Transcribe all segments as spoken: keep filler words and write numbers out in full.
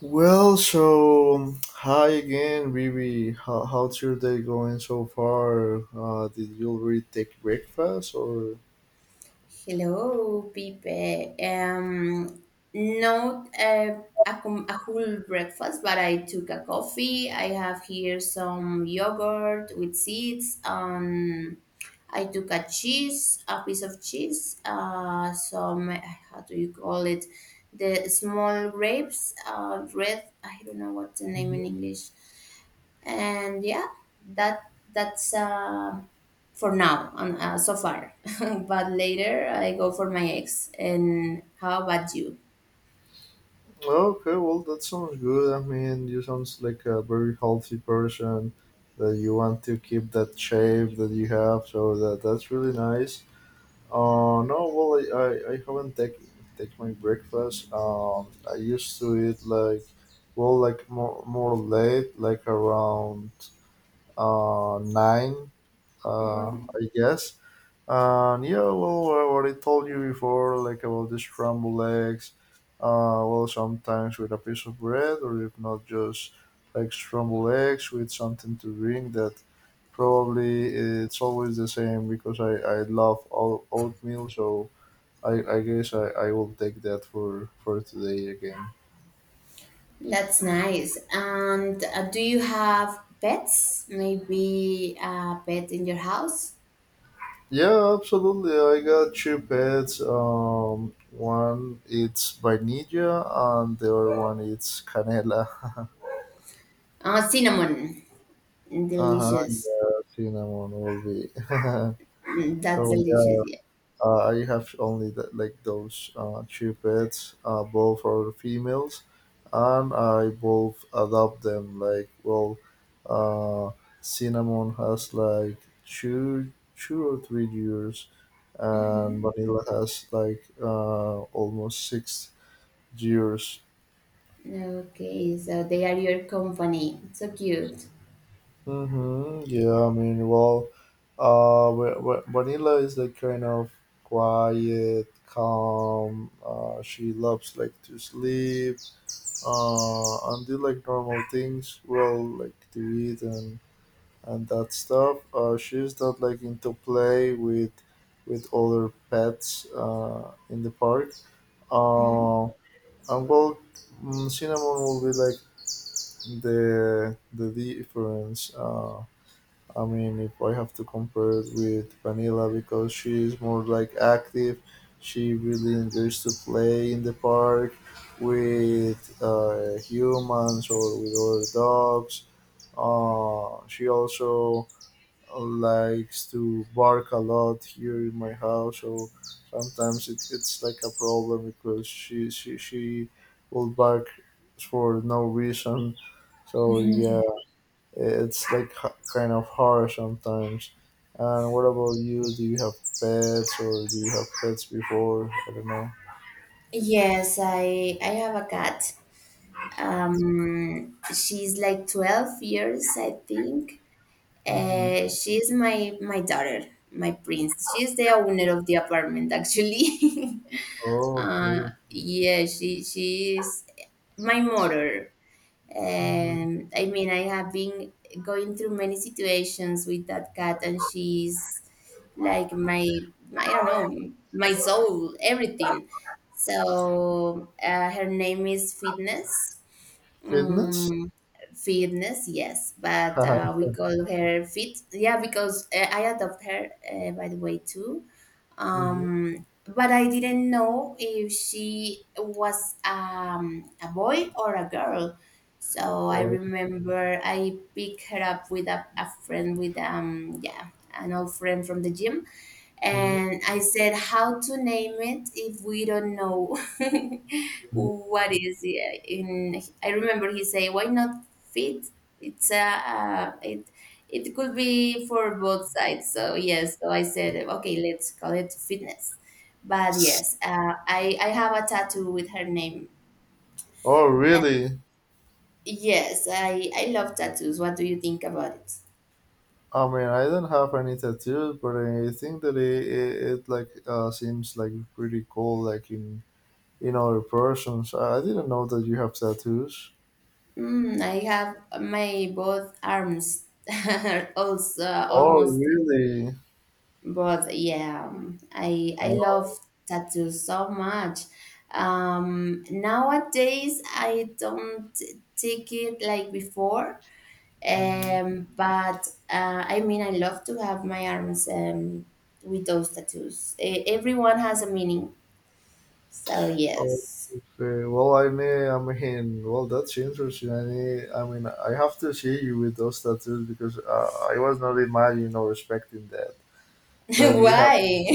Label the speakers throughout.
Speaker 1: Well, so um, hi again, Vivi. How, how's your day going so far? Uh, did you already take breakfast or?
Speaker 2: Hello, Pipe. Um, Not a, a, com- a whole breakfast, but I took a coffee. I have here some yogurt with seeds. Um, I took a cheese, a piece of cheese, uh, some, how do you call it? The small grapes, uh, red, I don't know what's the name in
Speaker 1: Mhm.
Speaker 2: English. And yeah, that that's uh, for now on uh, so far. But later I go for my ex. And how about you?
Speaker 1: Okay, well, that sounds good. I mean, you sounds like a very healthy person that you want to keep that shape that you have. So that that's really nice. Uh, no, well, I, I, I haven't take take my breakfast. Um, I used to eat like, well, like more more late, like around uh, nine, uh,
Speaker 2: Mhm.
Speaker 1: I guess. Uh, And yeah, well, uh, what I told you before, like about the scrambled eggs, uh, well, sometimes with a piece of bread, or if not, just like scrambled eggs with something to drink that probably it's always the same because I, I love oat- oatmeal, so I, I guess I, I will take that for, for today again.
Speaker 2: That's nice. And uh, do you have pets, maybe a pet in your house?
Speaker 1: Yeah, absolutely. I got two pets. Um, one it's vanilla, and the other one it's canela.
Speaker 2: Uh, cinnamon.
Speaker 1: Uh huh.
Speaker 2: Delicious.
Speaker 1: Yeah, cinnamon will be.
Speaker 2: Mm, that's
Speaker 1: So
Speaker 2: delicious, yeah.
Speaker 1: Uh, I have only the, like those uh, two pets, uh, both are females, and I both adopt them. Like, well, uh, Cinnamon has like two, two or three years, and
Speaker 2: Mhm.
Speaker 1: Vanilla has like uh, almost six years.
Speaker 2: Okay, so they are your company. So cute.
Speaker 1: Mm-hmm. Yeah, I mean, well, uh, Va- Va- Vanilla is like kind of quiet, calm. Uh, she loves like to sleep uh, and do like normal things, well, like to eat and and that stuff. Uh, she's not like into play with with other pets uh, in the park.
Speaker 2: Mhm.
Speaker 1: Uh, and well, mm, Cinnamon will be like the the difference. Uh, I mean, if I have to compare it with Vanilla because she is more like active, she really enjoys to play in the park with uh, humans or with other dogs. Uh, she also uh, likes to bark a lot here in my house, so sometimes it, it's like a problem because she she she will bark for no reason. So yeah, it's like h- kind of harsh sometimes. And what about you? Do you have pets or do you have pets before? I don't know.
Speaker 2: Yes, I I have a cat. Um, she's like twelve years, I think.
Speaker 1: Mm-hmm.
Speaker 2: Uh, she's my my daughter, my prince. She's the owner of the apartment, actually.
Speaker 1: Oh,
Speaker 2: Uh,
Speaker 1: okay.
Speaker 2: yeah, she she is my mother.
Speaker 1: Mm-hmm.
Speaker 2: Um, I mean, I have been going through many situations with that cat, and she's like my, I don't know, my soul, everything. So uh, her name is Fitness.
Speaker 1: Fitness?
Speaker 2: Mm, fitness, yes, but uh, we
Speaker 1: Mm-hmm.
Speaker 2: call her Fit. Yeah, because uh, I adopt her, uh, by the way, too. Um, but I didn't know if she was um, a boy or a girl. So I
Speaker 1: Oh,
Speaker 2: remember I picked her up with a, a friend, with um, yeah, an old friend from the gym.
Speaker 1: hmm,
Speaker 2: And I said, how to name it if we don't know what is it? In I remember he say, why not Fit? It's a uh, it it could be for both sides. So yes, so I said okay, let's call it Fitness. But yes, uh, I I have a tattoo with her name.
Speaker 1: oh,
Speaker 2: Uh,
Speaker 1: really?
Speaker 2: yes, I I love tattoos. What do you think about it?
Speaker 1: I mean, I don't have any tattoos, but I think that it, it, it like uh, seems like pretty cool, like in in other persons. I I didn't know that you have tattoos.
Speaker 2: Mm, I have my both arms are also
Speaker 1: Oh,
Speaker 2: almost.
Speaker 1: really?
Speaker 2: But yeah, um, I I love
Speaker 1: Oh,
Speaker 2: tattoos so much. Um, nowadays I don't take it like before.
Speaker 1: mhm.
Speaker 2: Um, but uh, I mean, I love to have my arms um, with those tattoos. E- everyone has a meaning. So yes.
Speaker 1: Okay. Well, I mean, I mean, well, that's interesting. I mean, I mean, I have to see you with those tattoos because uh, I was not imagining or expecting that that you have.
Speaker 2: Why?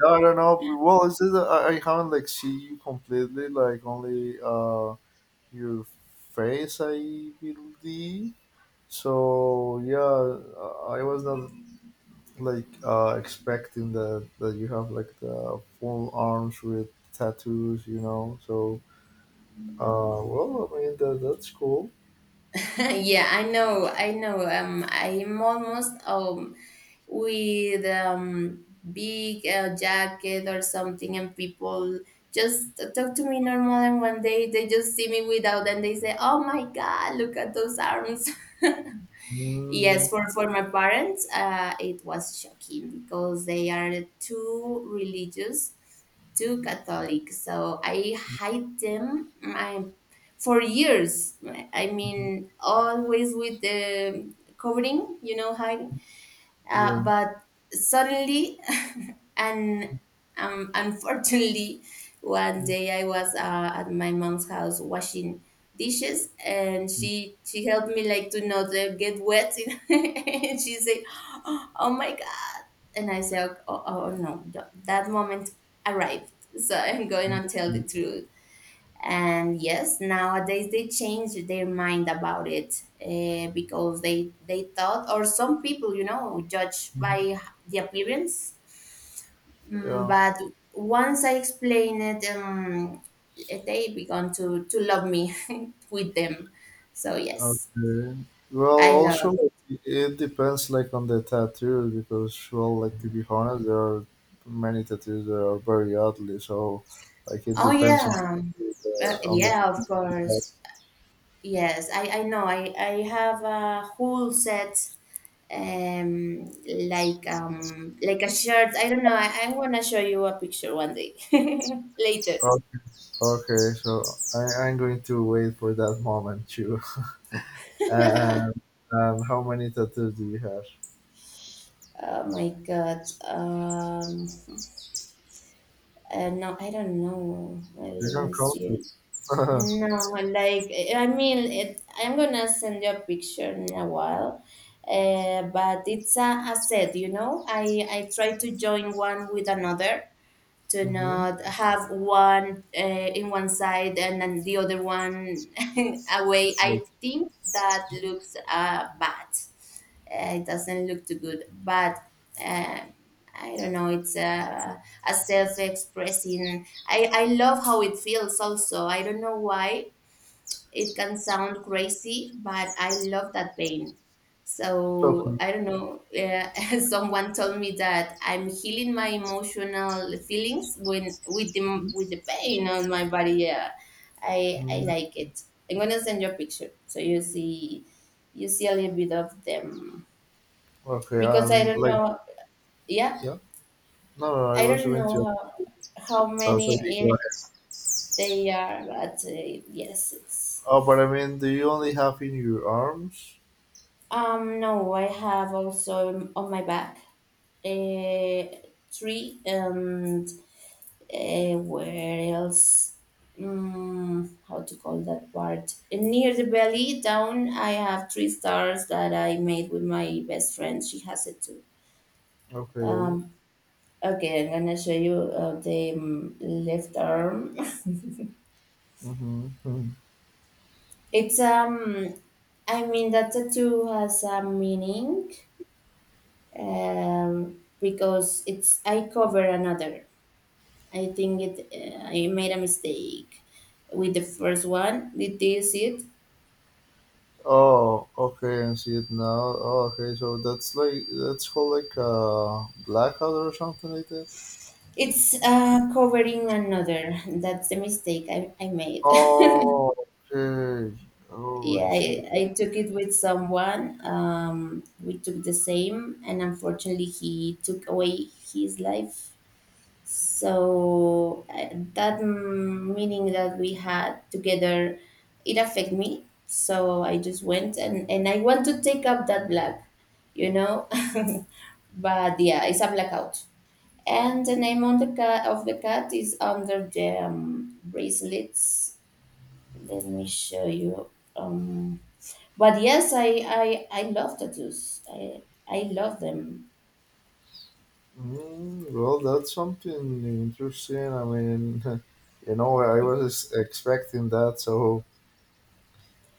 Speaker 1: No, I don't know. Well, it's just that I, I haven't like see you completely, like only uh your face, I believe. So yeah, uh, I was not like uh expecting that that you have like the full arms with tattoos, you know. So. Uh, well, I mean that that's cool.
Speaker 2: Yeah, I know, I know. Um, I'm almost um, with um, big uh, jacket or something, and people just talk to me normal, and one day they just see me without, and they say, oh my god, look at those arms. Yes,
Speaker 1: Mm,
Speaker 2: for, for my parents uh, it was shocking because they are too religious, too Catholic, so I hide them, I, for years. I mean, always with the covering, you know, hiding. Uh,
Speaker 1: yeah,
Speaker 2: but suddenly, and um, unfortunately, one day I was uh, at my mom's house washing dishes, and she she helped me like to not uh, get wet. And she said, "Oh my god!" And I said, "Oh, oh oh, no, th- that moment arrived." So I'm going to tell the truth. And yes, nowadays they change their mind about it uh, because they they thought, or some people, you know, judge by the appearance. Mm,
Speaker 1: yeah.
Speaker 2: but once I explain it, um, eh, they began to, to love me with them. So yes,
Speaker 1: Okay. Well,
Speaker 2: I
Speaker 1: also
Speaker 2: love.
Speaker 1: like, it depends like on the tattoo because well, like to be honest, there are many tattoos that are very ugly. So like it
Speaker 2: Oh
Speaker 1: depends on the
Speaker 2: yeah, uh,
Speaker 1: on the
Speaker 2: yeah,
Speaker 1: tattoo.
Speaker 2: of
Speaker 1: You have.
Speaker 2: course. Yes, I, I know. I, I have a whole set, um, like um, like a shirt. I don't know. I, I wanna show you a picture one day later.
Speaker 1: Oh, okay, so I, I'm going to wait for that moment too. And, and how many tattoos do you have?
Speaker 2: Oh my God. Um, uh, no, I don't know. Well,
Speaker 1: You
Speaker 2: let
Speaker 1: can
Speaker 2: me
Speaker 1: count
Speaker 2: see.
Speaker 1: it.
Speaker 2: No, like, I mean, it, I'm gonna send you a picture in a while, uh, but it's a, a set, you know. I I try to join one with another, to
Speaker 1: Mm-hmm.
Speaker 2: not have one uh, in one side and then the other one away.
Speaker 1: Like,
Speaker 2: I think that looks uh, bad. Uh, it doesn't look too good, but. Uh, I don't know. It's a, a self-expressing. I, I love how it feels. Also, I don't know why it can sound crazy, but I love that pain. So
Speaker 1: okay.
Speaker 2: I don't know. Uh, someone told me that I'm healing my emotional feelings when with the with the pain on my body. Yeah, I I
Speaker 1: Mm,
Speaker 2: like it. I'm gonna send you a picture so you see you see a little bit of them,
Speaker 1: okay.
Speaker 2: because I
Speaker 1: And
Speaker 2: don't
Speaker 1: like,
Speaker 2: know. Yeah,
Speaker 1: yeah. No, no, no, I
Speaker 2: I
Speaker 1: was
Speaker 2: don't
Speaker 1: going to.
Speaker 2: know how, how
Speaker 1: Oh, sorry.
Speaker 2: many
Speaker 1: Go
Speaker 2: eh,
Speaker 1: ahead.
Speaker 2: they are, but uh, yes, it's.
Speaker 1: Oh, but I mean, do you only have in your arms?
Speaker 2: Um, no, I have also on my back a tree, and uh, where else? Mm, how to call that part? Near the belly down, I have three stars that I made with my best friend. She has it too.
Speaker 1: Okay.
Speaker 2: Um, okay, I'm gonna show you uh, the um, left arm.
Speaker 1: Mm-hmm.
Speaker 2: It's um, I mean, that tattoo has a meaning um, because it's I cover another. I think it. Uh, I made a mistake with the first one. It is it.
Speaker 1: Oh, okay. I see it now. Oh, okay. So that's like that's called like a blackout or something like that.
Speaker 2: It's uh, covering another. That's the mistake I, I made.
Speaker 1: Oh, okay. Oh,
Speaker 2: Yeah,
Speaker 1: I see.
Speaker 2: I, I took it with someone. Um, we took the same, and unfortunately, he took away his life. So uh, that mm, meeting that we had together, it affected me, so I just went and, and I want to take up that black, you know. But yeah, it's a blackout. And the name on the cat, of the cat, is under the um, bracelets. Let me show you. Um, but yes, i i i love tattoos. i i love them.
Speaker 1: Mm, well, that's something interesting. I mean, you know, I was expecting that, so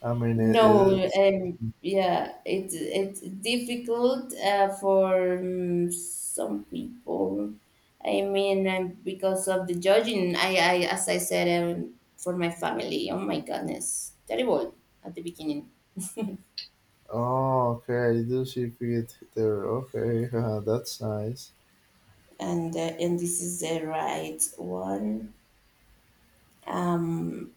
Speaker 1: I mean, it
Speaker 2: No,
Speaker 1: is.
Speaker 2: um, yeah, it's it's difficult uh, for um, some people. I mean, um, because of the judging, I, I as I said, um, for my family, oh my goodness, terrible at the beginning.
Speaker 1: Oh, okay. I do see it there. Okay, that's nice.
Speaker 2: And uh, and this is the right one. Um,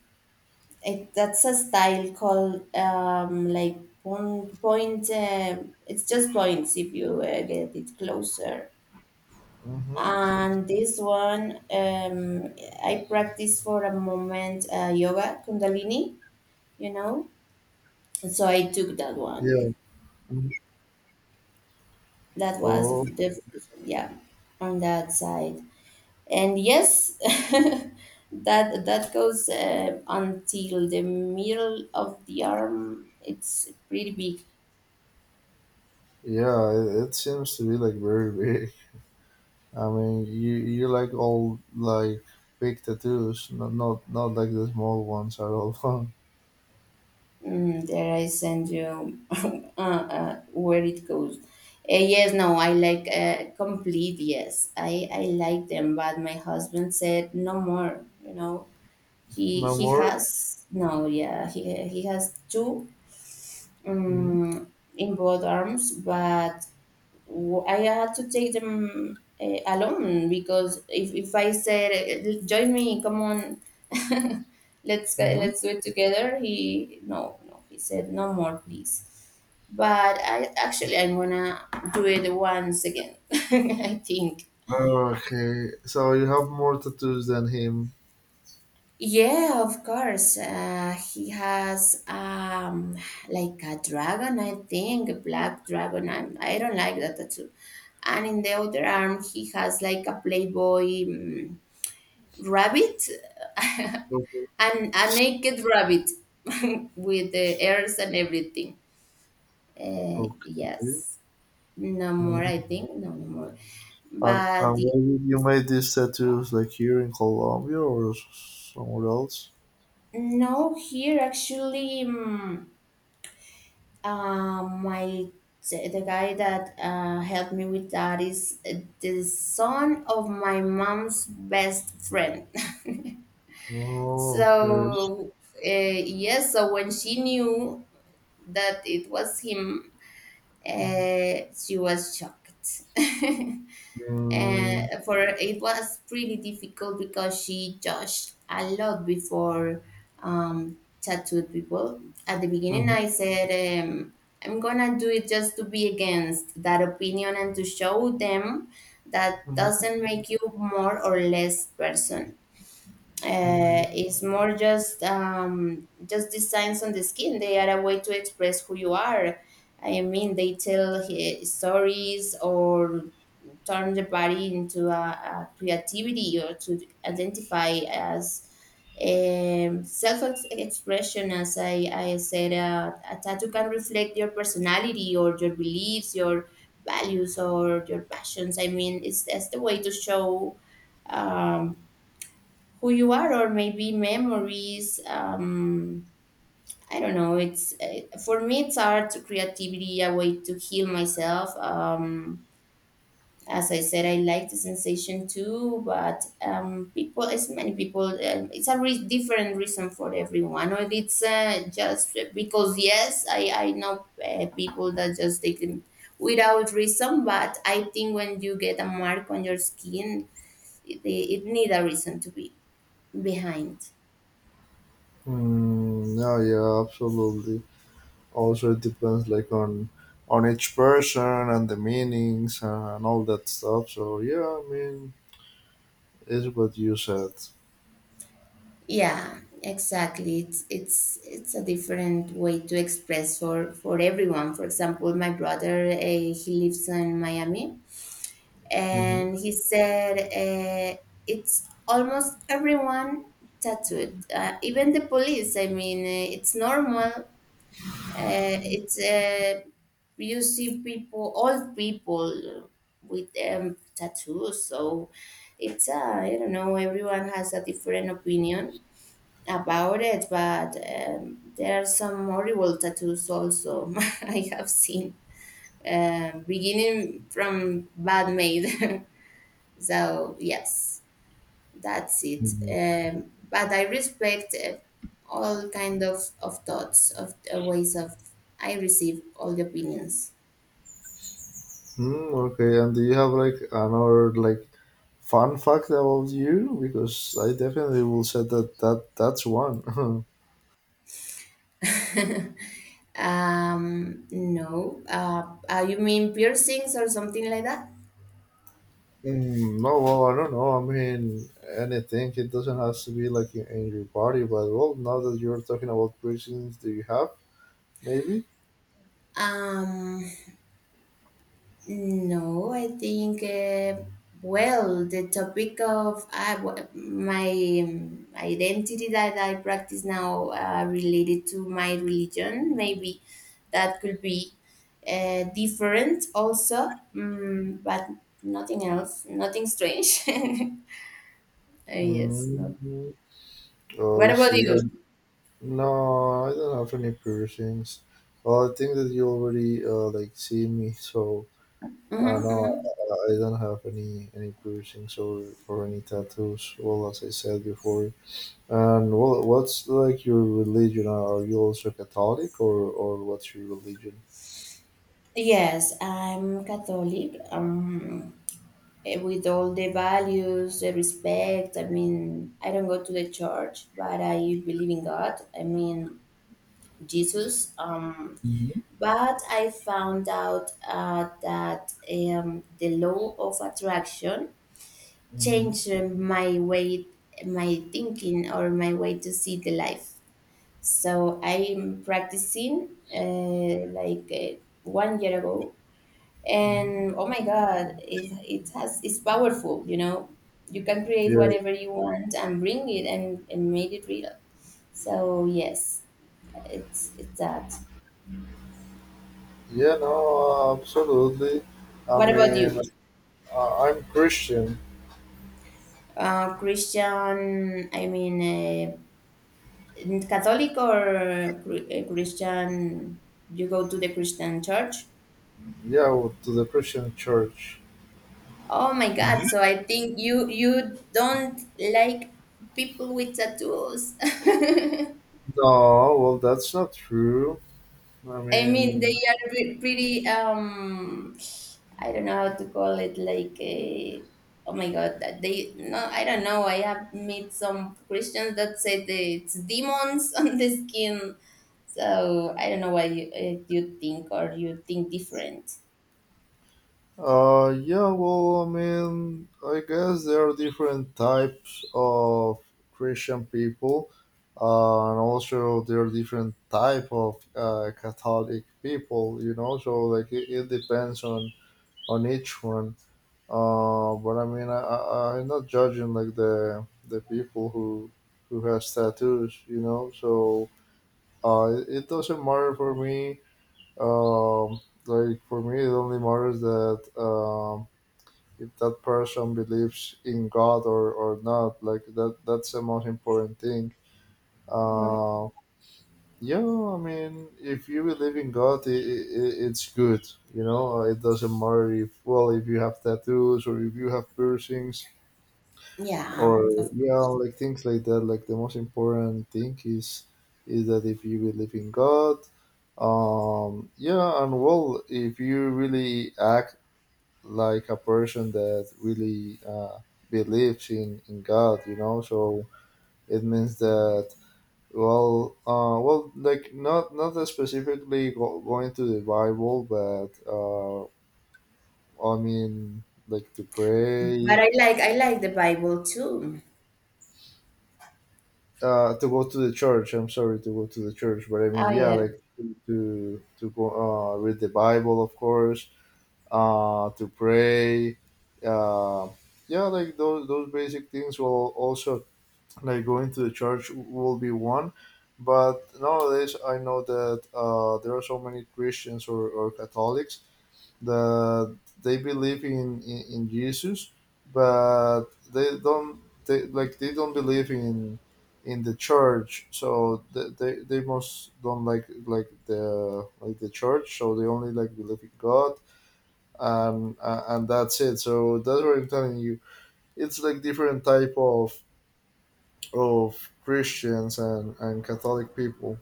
Speaker 2: it, that's a style called um like point point. Uh, it's just points if you uh, get it closer.
Speaker 1: Mm-hmm.
Speaker 2: And this one, um, I practiced for a moment uh, yoga, Kundalini, you know. So I took that
Speaker 1: Yeah.
Speaker 2: one.
Speaker 1: Mhm.
Speaker 2: That was
Speaker 1: Oh,
Speaker 2: the, yeah, on that side. And yes, that that goes uh, until the middle of the arm. It's pretty big.
Speaker 1: yeah. It, it seems to be like very big. I mean, you you like all like big tattoos, not not not like the small ones at all.
Speaker 2: Mm, there I send you uh, uh, where it goes. Uh, yes, no, I like uh, complete. Yes, I I like them, but my husband said no more. You know, he
Speaker 1: No
Speaker 2: he
Speaker 1: more.
Speaker 2: has no, yeah, he he has two
Speaker 1: Mm-hmm.
Speaker 2: um, in both arms, but w- I had to take them uh, alone, because if, if I said, "Eh, join me, come on, let's go-
Speaker 1: Mm-hmm.
Speaker 2: let's do it together," he, no, no, he said no more please. But I actually I'm gonna do it once again. I think.
Speaker 1: Okay, so you have more tattoos than him.
Speaker 2: Yeah, of course. Uh, he has um, like a dragon, I think, a black dragon. I'm, I i do not like that tattoo. And in the other arm, he has like a Playboy, mm, rabbit,
Speaker 1: Okay.
Speaker 2: and a naked rabbit with the ears and everything. Uh,
Speaker 1: Okay.
Speaker 2: yes, no more. I think no, no more.
Speaker 1: And,
Speaker 2: But
Speaker 1: and where
Speaker 2: the—
Speaker 1: did you make these tattoos? Like here in Colombia or s- somewhere else?
Speaker 2: no, here actually, um, uh, my, the guy that uh, helped me with that is uh, the son of my mom's best friend.
Speaker 1: Oh, okay.
Speaker 2: So, uh, yes, so when she knew that it was him,
Speaker 1: Mm,
Speaker 2: uh, she was shocked. Uh, for her, it was pretty difficult because she judged a lot before um, tattooed people. At the
Speaker 1: mhm,
Speaker 2: beginning,
Speaker 1: mhm,
Speaker 2: I said, um, I'm gonna do it just to be against that opinion and to show them that doesn't make you more or less person,
Speaker 1: mhm.
Speaker 2: uh, it's more just um, just designs on the skin. They are a way to express who you are. I mean, they tell uh, stories, or turn the body into a, a creativity, or to identify as um, self-expression. As I, I said, uh, a tattoo can reflect your personality or your beliefs, your values or your passions. I mean, it's that's the way to show. Um, who you are, or maybe memories um, I don't know. It's uh, for me it's art, creativity, a way to heal myself um, as I said I like the sensation too. But um, people, as many people um, it's a re- different reason for everyone, or it's uh, just because. Yes, i, I know uh, people that just take them without reason, but I think when you get a mark on your skin, it, it need a reason to be behind.
Speaker 1: Mm, yeah, yeah, absolutely. Also, it depends like on on each person and the meanings and all that stuff. So yeah, I mean, it's what you said.
Speaker 2: Yeah, exactly. It's it's it's a different way to express for for everyone. For example, my brother, uh, he lives in Miami,
Speaker 1: Mm-hmm.
Speaker 2: and he said uh, it's almost everyone tattooed, uh, even the police. I mean, uh, it's normal. Uh, it's uh, You see people, old people with um, tattoos. So it's uh, I don't know. Everyone has a different opinion about it, but um, there are some horrible tattoos also. I have seen, um, beginning from bad made. So yes, that's it.
Speaker 1: Mm-hmm.
Speaker 2: Um, but I respect uh, all kind of, of thoughts, of uh, ways of, I receive all the opinions.
Speaker 1: Mm, okay, and do you have like another like fun fact about you, because I definitely will say that that that's one.
Speaker 2: Um, no, uh, uh, you mean piercings or something like that?
Speaker 1: Mm, no, well, I don't know. I mean, anything. It doesn't have to be like in, in your body, but well, now that you're talking about piercings, do you have maybe?
Speaker 2: Um, No, I think uh, well, the topic of I w- my um, identity that I practice now, uh, related to my religion, maybe that could be uh, different also, mm, but nothing else, nothing strange. Uh, yes. No.
Speaker 1: Mm, oh,
Speaker 2: What
Speaker 1: I
Speaker 2: about
Speaker 1: see. Um,
Speaker 2: you?
Speaker 1: no, I don't have any piercings. Well, I think that you already uh, like see me, so uh, no,
Speaker 2: Hmm.
Speaker 1: I I don't have any any piercings or or any tattoos. Well, as I said before. And well, what's like your religion? Are you also Catholic, or or what's your religion?
Speaker 2: Yes, I'm Catholic. Um, eh, with all the values, the respect. I mean, I don't go to the church, but I believe in God. I mean, Jesus. Um,
Speaker 1: Mhm.
Speaker 2: but I found out uh, that um, the law of attraction
Speaker 1: Hmm.
Speaker 2: changed uh, my way, my thinking, or my way to see the life. So I'm practicing, uh, like uh, one year ago,
Speaker 1: Hmm.
Speaker 2: and oh my god, it, it has it's powerful. You know you can create
Speaker 1: Yeah,
Speaker 2: whatever you want, and bring it, and, and make it real. So yes, it's it's that.
Speaker 1: yeah, no, absolutely. I
Speaker 2: What about
Speaker 1: mean,
Speaker 2: you?
Speaker 1: uh, I'm Christian.
Speaker 2: Uh christian, I mean, uh, Catholic, or Chr- uh, christian? You go to the Christian church?
Speaker 1: Yeah, well, to the Christian church.
Speaker 2: Oh my god,
Speaker 1: Mhm.
Speaker 2: so I think you you don't like people with tattoos.
Speaker 1: No, well, that's not true. I
Speaker 2: I mean, they
Speaker 1: mean,
Speaker 2: are pre- pretty. Um, I don't know how to call it. Like, a, oh my god, that they, no, I don't know. I have met some Christians that say that it's demons on the skin. So I don't know why you, uh, you think, or you think different.
Speaker 1: Uh, yeah, well, I mean, I guess there are different types of Christian people, uh, and also there are different type of uh, Catholic people. You know, so like it, it depends on on each one. Uh, but I mean, I, I I'm not judging like the the people who who has tattoos. You know, so uh, it, it doesn't matter for me. Um, like for me, it only matters that um if that person believes in God or, or not. Like that that's the most important thing.
Speaker 2: Mhm.
Speaker 1: Uh, yeah, I mean, if you believe in God, it, it, it's good. You know, uh, it doesn't matter if well if you have tattoos or if you have piercings
Speaker 2: Yeah,
Speaker 1: or
Speaker 2: of-
Speaker 1: yeah, like things like that. Like the most important thing is is that if you believe in God. Um, yeah, and well, if you really act like a person that really uh, believes in, in God, you know. So it means that well, uh, well, like not not specifically go, going to the Bible, but uh, I mean like to
Speaker 2: but
Speaker 1: pray,
Speaker 2: I like I like the Bible too.
Speaker 1: uh, to go to the church. I'm sorry to go to the church, but I mean
Speaker 2: Oh
Speaker 1: yeah,
Speaker 2: yeah.
Speaker 1: like to to go uh, read the Bible, of course, uh, to pray. Uh, yeah, like those those basic things will also like going to the church will be one, but nowadays I know that uh, there are so many Christians or, or Catholics that they believe in, in, in Jesus, but they don't, they like they don't believe in in the church, so they, they, they most don't like like the like the church, so they only like believe in God, and uh, and that's it, so that's what I'm telling you, it's like different type of of Christians and, and Catholic people.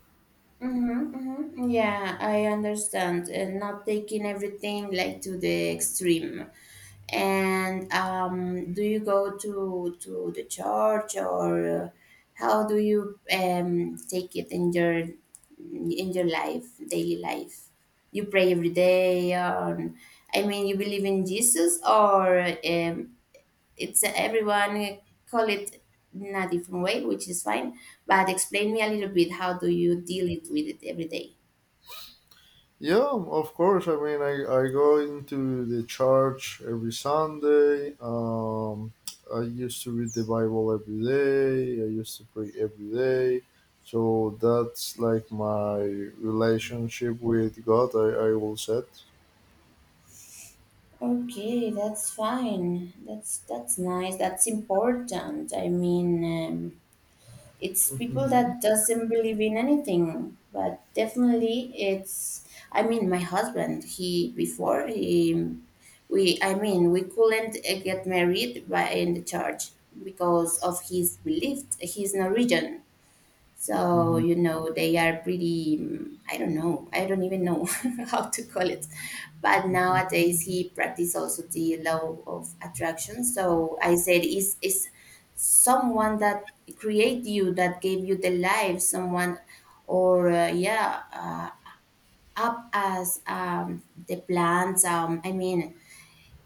Speaker 2: Mm-hmm, mm-hmm. Yeah, I understand. And not taking everything like to the extreme. And um, do you go to to the church, or uh, how do you um, take it in your in your life, daily life? You pray every day, or I mean, you believe in Jesus, or um, it's everyone call it in a different way, which is fine. But explain me a little bit, how do you deal it with it every day?
Speaker 1: Yeah, of course. I mean, I, I go into the church every Sunday. Um, I used to read the Bible every day. I used to pray every day. So that's like my relationship with God, I, I will set.
Speaker 2: Okay, that's fine. That's that's nice. That's important. I mean, um, it's people
Speaker 1: Mm-hmm.
Speaker 2: that doesn't believe in anything, but definitely it's. I mean, my husband. He, before he, we, I mean, we couldn't uh, get married by in the church because of his belief. He's Norwegian. So,
Speaker 1: Hmm.
Speaker 2: you know, they are pretty, mm, I don't know, I don't even know how to call it. But
Speaker 1: Mm-hmm.
Speaker 2: nowadays he practice also the law of attraction. So I said, is is someone that create you, that gave you the life, someone, or uh, yeah, uh, up as um, the plants. Um, I mean,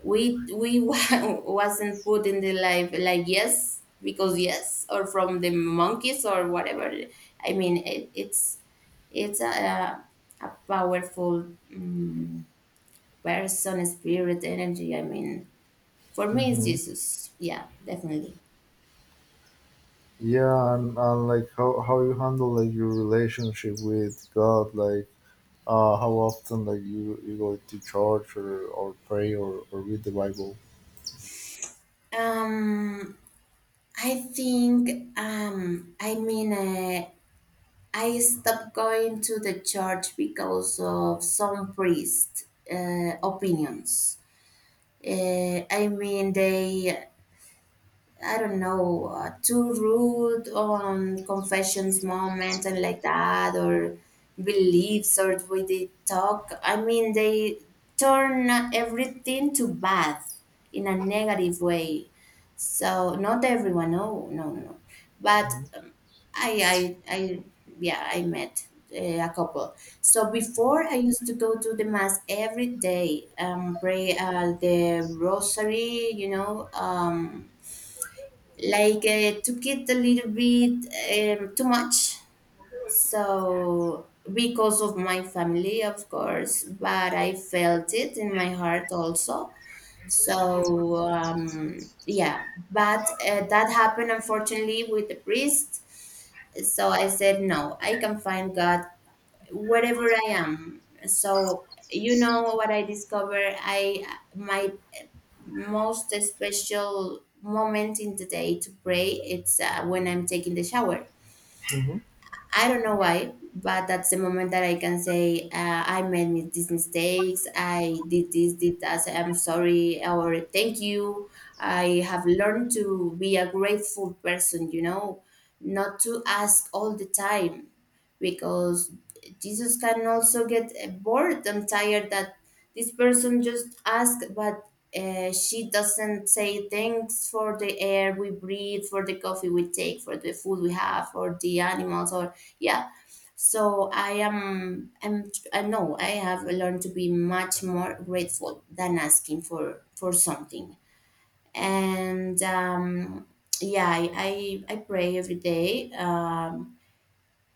Speaker 2: we we wa- wasn't put in the life like yes because yes, or from the monkeys, or whatever. I mean, it, it's it's a a powerful, um, person, spirit, energy. I mean, for me, it's
Speaker 1: Hmm.
Speaker 2: Jesus. Yeah, definitely.
Speaker 1: Yeah, and, and like how, how you handle like your relationship with God, like Uh, how often like you, you go to church or, or pray or, or read the Bible?
Speaker 2: um I think, um I mean, uh, I stopped going to the church because of some priest uh, opinions. Uh, I mean, they, I don't know, uh, too rude on confessions moments and like that, or beliefs, or we did talk. I mean, they turn everything to bad, in a negative way. So not everyone. No, no, no, no. But um, I, I, I, yeah, I met uh, a couple. So before I used to go to the mass every day, um, pray uh, the rosary, you know, um, like uh, took it a little bit um, too much. So, because of my family, of course, but I felt it in my heart also. So, um, yeah, but uh, that happened unfortunately with the priest. So I said, no, I can find God wherever I am. So, you know what I discovered? I My most special moment in the day to pray, it's uh, when I'm taking the shower.
Speaker 1: Mm-hmm.
Speaker 2: I don't know why, but that's the moment that I can say, uh, I made mi- these mistakes, I did this, did that, so I'm sorry, or thank you. I have learned to be a grateful person, you know, not to ask all the time, because Jesus can also get uh, bored and tired that this person just asked, but uh, she doesn't say thanks for the air we breathe, for the coffee we take, for the food we have, for the animals, or yeah. So i am i'm I know I have learned to be much more grateful than asking for for something. And um yeah, i i, I pray every day, um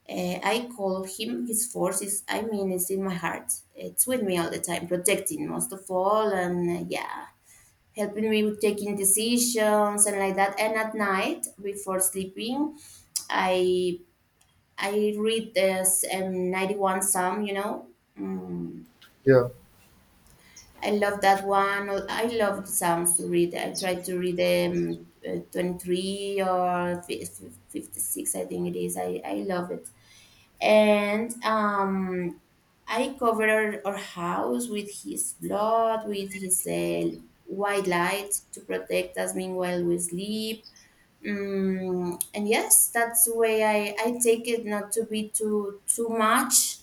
Speaker 2: eh, I call him, his force is, I mean, it's in my heart. It's with me all the time, protecting most of all, and uh, yeah, helping me with taking decisions and like that. And at night before sleeping, I I read this um, ninety one Psalm, you know. Mm,
Speaker 1: Yeah.
Speaker 2: I love that one. I love Psalms to read. I try to read um, uh, twenty three, or fi- fifty six, I think it is. I, I love it. And um, I covered our house with his blood, with his uh, white light to protect us meanwhile we sleep. Mm, and yes, that's the way I, I take it, not to be too too much,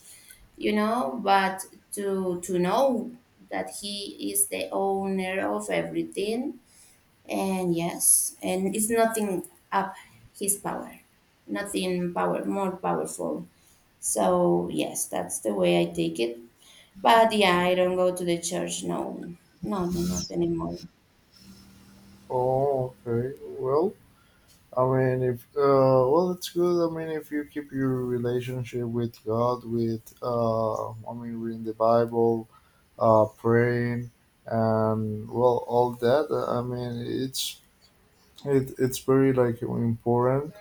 Speaker 2: you know, but to to know that he is the owner of everything. And yes, and it's nothing up his power, nothing power more powerful. So yes, that's the way I take it. But yeah, I don't go to the church. No, no, no, not anymore.
Speaker 1: Oh, okay. Well, I mean, if uh, well, it's good. I mean, if you keep your relationship with God, with uh, I mean, reading the Bible, uh, praying, and well, all that. Uh, I mean, it's it, it's very like important.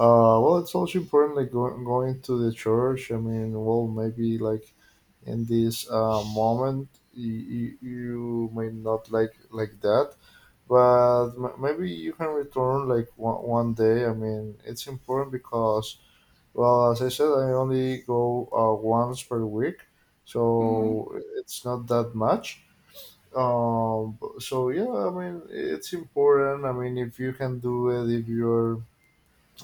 Speaker 1: Uh, well, it's also important, like go- going to the church. I mean, well, maybe like in this uh, moment, you, you may not like like that, but m- maybe you can return like one, one day. I mean, it's important because, well, as I said, I only go uh, once per week, so
Speaker 2: Mm-hmm.
Speaker 1: it's not that much. Um, so yeah, I mean, it's important. I mean, if you can do it, if you're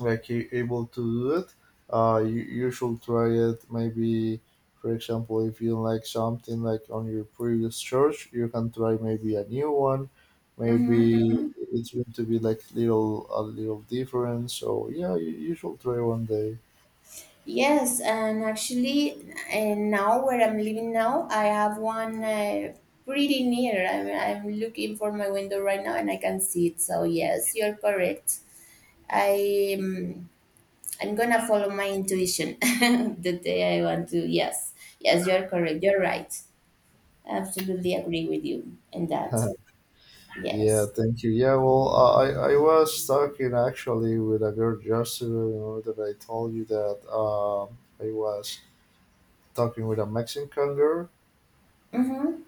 Speaker 1: like you able to do it, uh you, you should try it maybe. For example, if you like something like on your previous church, you can try maybe a new one, maybe
Speaker 2: Mm-hmm.
Speaker 1: it's going to be like little a little different. So yeah, you, you should try one day.
Speaker 2: Yes, and actually, uh, now where I'm living now, I have one uh, pretty near. I'm, I'm looking for my window right now and I can see it. So, yes, you're correct. I, um, I'm gonna follow my intuition the day I want to. Yes, yes, you're correct. You're right. Absolutely agree with you in that.
Speaker 1: Yeah,
Speaker 2: Yes.
Speaker 1: thank you. Yeah, well, i i was talking actually with a girl just to remember that I told you that um i was talking with a Mexican girl.
Speaker 2: Mm-hmm.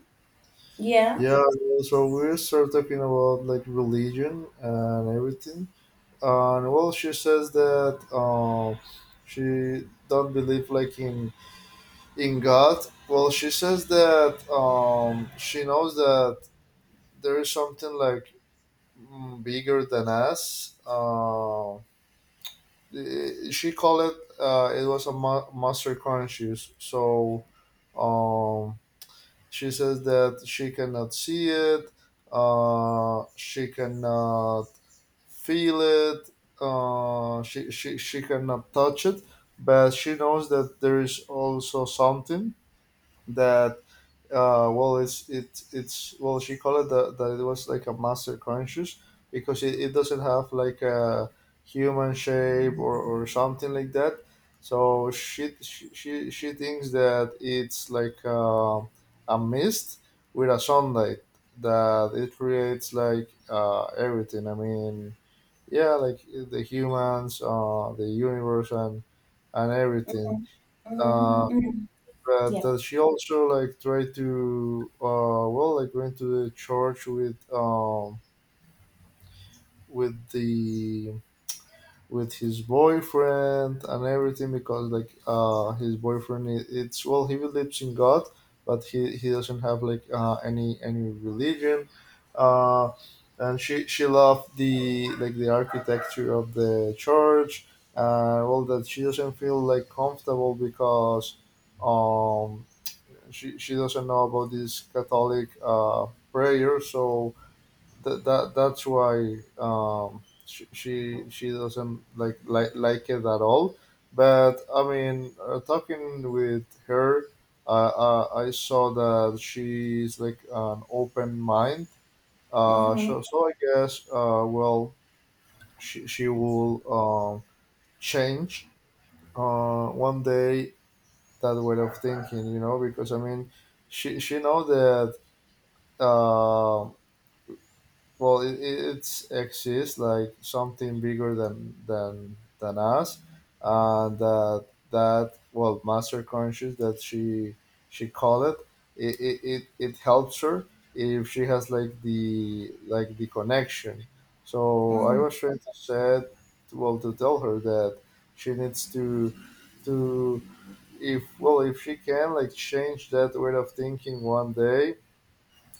Speaker 2: Yeah.
Speaker 1: Yeah, yeah, so we start talking about like religion and everything, and well, she says that um, she don't believe like in in God. Well, she says that um, she knows that there is something like mm, bigger than us. Uh, i- she called it uh, it was a ma- master conscious. So um, She says that she cannot see it, uh, she cannot feel it, uh, she, she, she cannot touch it, but she knows that there is also something that uh, well it's it it's well she called it that that it was like a master conscious because it, it doesn't have like a human shape or, or something like that. So she she she, she thinks that it's like uh, a mist with a sunlight that it creates like uh, everything. I mean yeah, like the humans, uh, the universe and and everything. Uh,
Speaker 2: Mm-hmm. Mm-hmm.
Speaker 1: but uh,
Speaker 2: Yeah.
Speaker 1: does she also like try to uh well like went to the church with um with the with his boyfriend and everything, because like uh his boyfriend, I- it's well he believes in God, but he he doesn't have like uh any any religion. Uh and she she loved the like the architecture of the church, uh well, that she doesn't feel like comfortable because um she she doesn't know about this Catholic uh, prayer, so that that that's why um, she, she she doesn't like like like it at all. But I mean, uh, talking with her, uh, uh, I saw that she's like an open mind. Uh,
Speaker 2: Mm-hmm.
Speaker 1: so so I guess, uh, well, she she will um, change uh, one day that way of thinking, you know, because I mean she she know that, Uh, well, it, it it's exists like something bigger than than than us, and that, that well, master conscious that she she called it, it, it, it it helps her if she has like the like the connection. So I
Speaker 2: Mm-hmm.
Speaker 1: was trying to say, well, to tell her that she needs to to if well, if she can like change that way of thinking one day,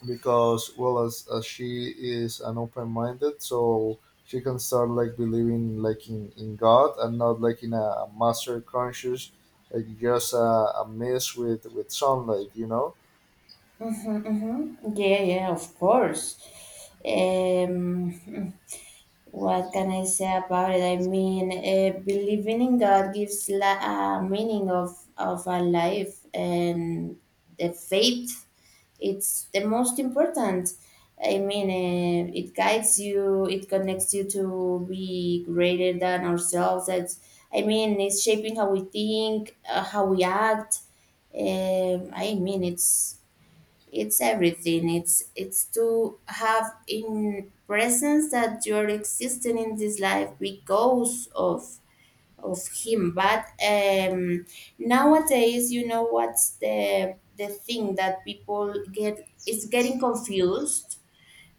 Speaker 1: because well, as, as she is an open-minded, so she can start like believing like in, in God and not like in a master conscious, like just a, a mess with with sunlight, you know.
Speaker 2: Mm-hmm. Yeah, yeah, of course. Um, what can I say about it? I mean, uh, believing in God gives la- a meaning of of our life, and the faith, it's the most important. I mean, uh, it guides you. It connects you to be greater than ourselves. It's, I mean, it's shaping how we think, uh, how we act. Um, I mean, it's it's everything, it's it's to have in presence that you're existing in this life, because of of him. But um nowadays, you know, what's the the thing that people get is getting confused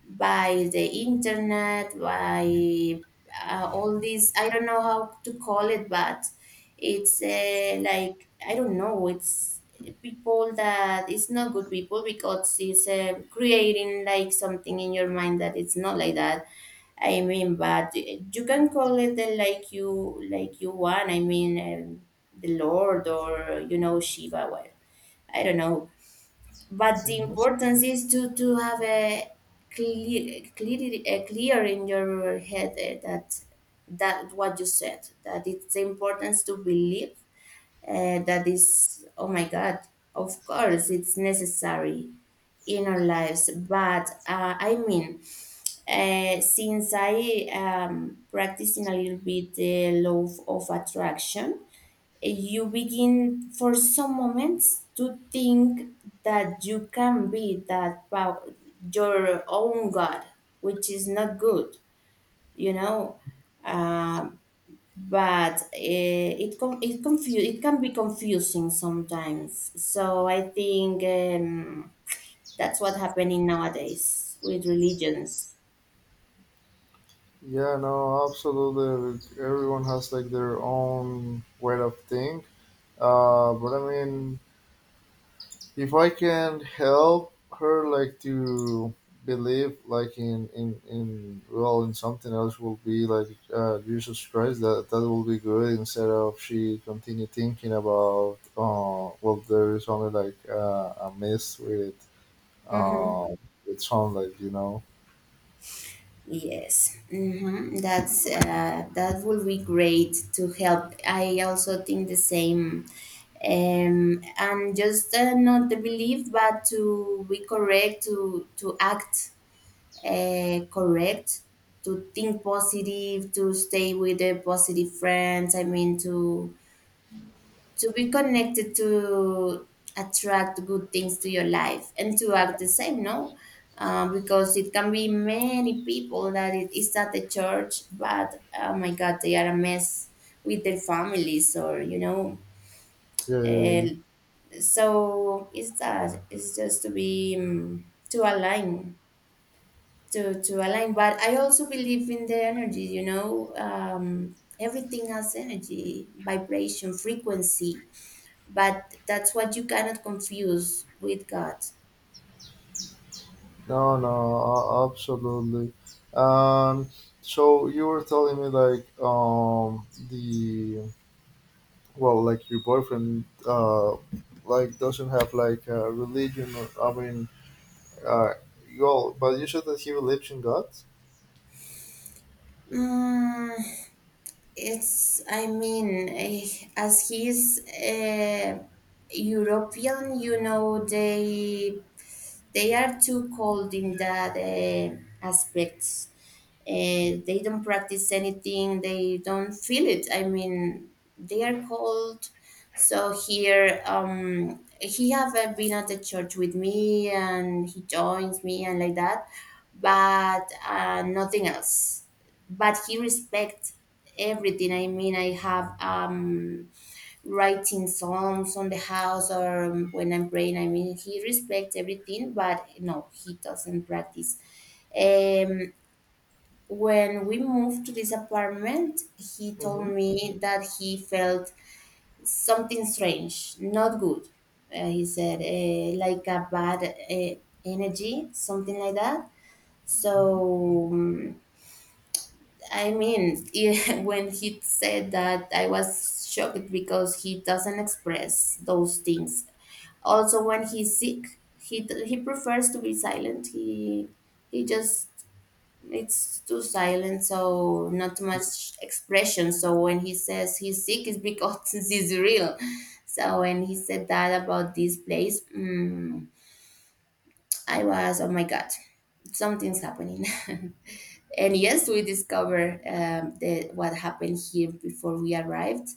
Speaker 2: by the internet, by uh, all these, I don't know how to call it, but it's uh, like, I don't know, it's people that it's not good people, because it's uh, creating like something in your mind that it's not like that. I mean, but you can call it the, like you like you want. I mean, um, the Lord, or you know, Shiva. Well, I don't know, but the
Speaker 1: Hmm.
Speaker 2: importance is to to have a clear clear, a clear in your head, eh, that that what you said, that it's the importance to believe, uh, that is, oh my god, of course it's necessary in our lives, but uh, I mean, uh, since I am practicing a little bit the law of attraction, you begin for some moments to think that you can be that pow- your own god, which is not good, you know. uh, but eh, it com- it confu- it can be confusing sometimes, so I think, um, that's what happening nowadays with religions.
Speaker 1: Yeah, no, absolutely. Everyone has like their own way of think. Uh but I mean, if I can help her like to believe like in in, in, well, in something else, will be like uh, Jesus Christ, that that will be good, instead of she continue thinking about, uh well, there is only like uh, a mess with uh
Speaker 2: Mm-hmm.
Speaker 1: with some, like, you know.
Speaker 2: Yes, hmm, that's uh, that would be great to help. I also think the same, um, and just, uh, not the belief, but to be correct, to to act uh, correct, to think positive, to stay with the positive friends. I mean, to to be connected to attract good things to your life, and to act the same, no, uh, because it can be many people that it is at the church, but oh my god, they are a mess with their families, or you know.
Speaker 1: Yeah, yeah,
Speaker 2: uh,
Speaker 1: yeah.
Speaker 2: so it's that, it's just to be, um, to align to to align. But I also believe in the energy, you know, um everything has energy, vibration, frequency. But that's what you cannot confuse with God.
Speaker 1: No, no, uh, absolutely. Um, so you were telling me, like, um the, well, like your boyfriend, uh like doesn't have like a religion, or I mean, uh you all, but you said that he believes in God.
Speaker 2: Mm, it's, I mean, eh, as he's uh, European, you know, they they are too cold in that uh, aspects. Uh, they don't practice anything. They don't feel it. I mean, they are cold. So here, um, he have uh, been at the church with me, and he joins me and like that, but uh, nothing else. But he respects everything. I mean, I have um writing songs on the house, or um, when I'm praying. I mean, he respects everything, but no, he doesn't practice. Um, when we moved to this apartment, he
Speaker 1: Mm-hmm.
Speaker 2: told me that he felt something strange, not good. Uh, he said, uh, like a bad uh, energy, something like that.
Speaker 1: Mm-hmm.
Speaker 2: So, um, I mean, yeah, when he said that, I was shocked, because he doesn't express those things. Also, when he's sick, he d- he prefers to be silent. He he just, it's too silent, so not much expression. So when he says he's sick, it's because it's real. So when he said that about this place, mm, I was, oh my god, something's happening. And yes, we discovered, um, the, what happened here before we arrived.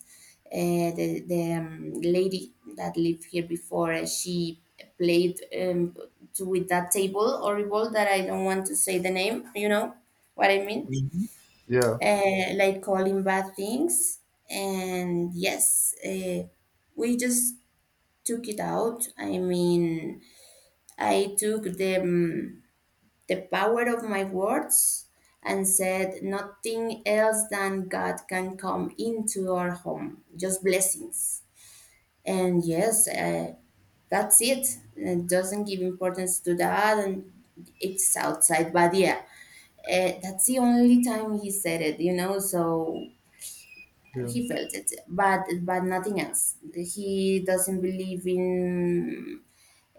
Speaker 2: Uh, the the um, lady that lived here before, uh, she played, um, to, with that table horrible that I don't want to say the name. You know what I mean?
Speaker 1: Hmm. Yeah,
Speaker 2: Uh, like calling bad things. And yes, uh, we just took it out. I mean, I took them, the power of my words, and said, "Nothing else than God can come into our home, just blessings." And yes, uh, that's it. It doesn't give importance to that, and it's outside. But yeah, uh, that's the only time he said it, you know, so
Speaker 1: yeah.
Speaker 2: he felt it, but but nothing else. He doesn't believe in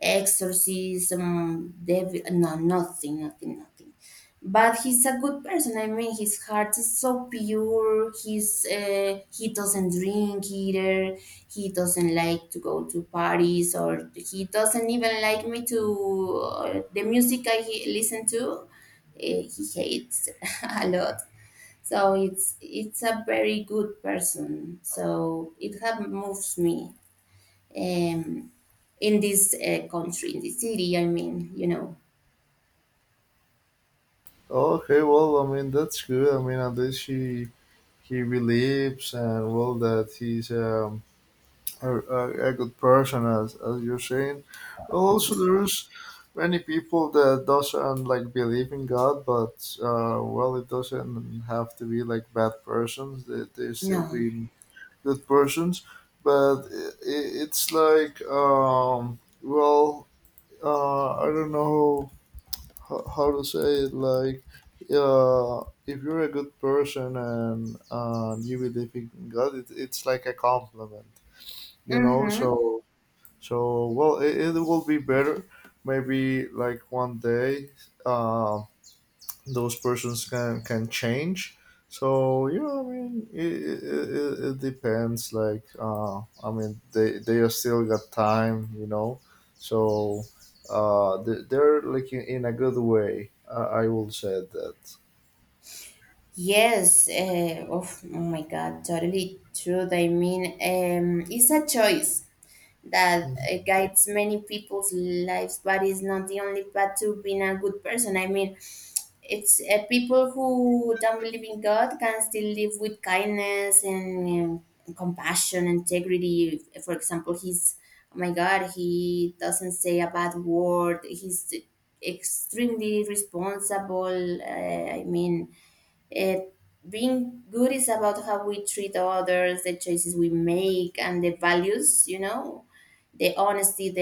Speaker 2: exorcism, devil, no, nothing, nothing, nothing. But he's a good person. I mean, his heart is so pure. He's uh, he doesn't drink either. He doesn't like to go to parties, or he doesn't even like me to, uh, the music I he- listen to. Uh, he hates a lot. So it's it's a very good person. So it have moves me, um, in this uh, country, in this city. I mean, you know.
Speaker 1: Okay, well, I mean, that's good. I mean, at least he he believes, and well, that he's um a, a, a good person, as as you're saying. Well, also, there's many people that doesn't like believe in God, but uh well, it doesn't have to be like bad persons. They, they still
Speaker 2: No.
Speaker 1: being good persons. But it, it's like, um well, uh I don't know how, how to say it. Like, uh, if you're a good person and uh, you believe in God, it, it's like a compliment, you know.
Speaker 2: Mm-hmm.
Speaker 1: So, so, well, it, it will be better. Maybe like one day, uh, those persons can can change. So yeah, I mean, it, it, it, it depends. Like, uh, I mean, they they are still got time, you know. So uh, they, they're like in, in a good way. I, I will say that.
Speaker 2: Yes. Uh, oh, oh my God, totally true. I mean, um, it's a choice that
Speaker 1: Mhm.
Speaker 2: uh, guides many people's lives, but it's not the only path to being a good person. I mean, It's uh, people who don't believe in God can still live with kindness and, um, compassion, integrity. For example, he's, oh my God, he doesn't say a bad word. He's extremely responsible. Uh, I mean, it, being good is about how we treat others, the choices we make, and the values, you know, the honesty, the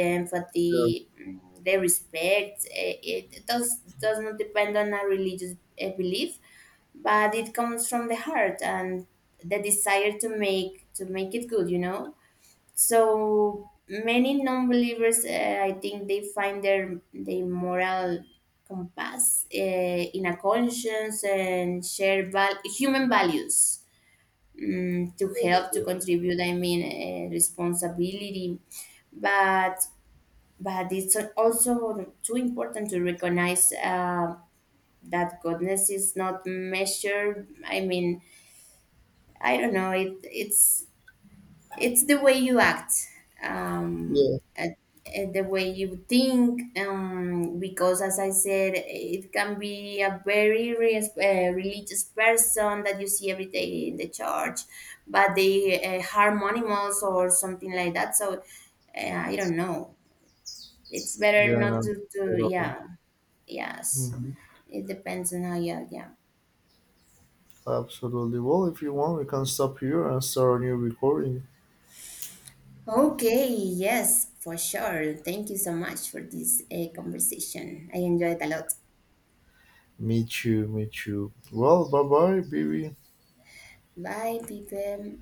Speaker 1: Yeah,
Speaker 2: empathy, mm, the respect. Eh, It does, does not depend on a religious eh, belief, but it comes from the heart and the desire to make to make it good, you know. So many non-believers, uh, I think, they find their their moral compass, uh, in a conscience, and share val- human values, mm, to
Speaker 1: yeah,
Speaker 2: help, to
Speaker 1: yeah,
Speaker 2: contribute. I mean, uh, responsibility. But but it's also too important to recognize, uh, that goodness is not measured. I mean, I don't know. It it's It's the way you act, um,
Speaker 1: yeah.
Speaker 2: and- and the way you think, um, because as I said, it can be a very res- uh, religious person that you see every day in the church, but they uh, harm animals or something like that. So uh, I don't know. It's better
Speaker 1: Yeah, I
Speaker 2: not
Speaker 1: know.
Speaker 2: to, to,
Speaker 1: Totally.
Speaker 2: yeah. yes.
Speaker 1: Mhm.
Speaker 2: It depends on how you act, yeah.
Speaker 1: Absolutely. Well, if you want, we can stop here and start a new recording.
Speaker 2: Okay, yes, for sure. Thank you so much for this uh, conversation. I enjoyed a lot.
Speaker 1: Me too, me too. Well, bye bye, baby.
Speaker 2: Bye, people.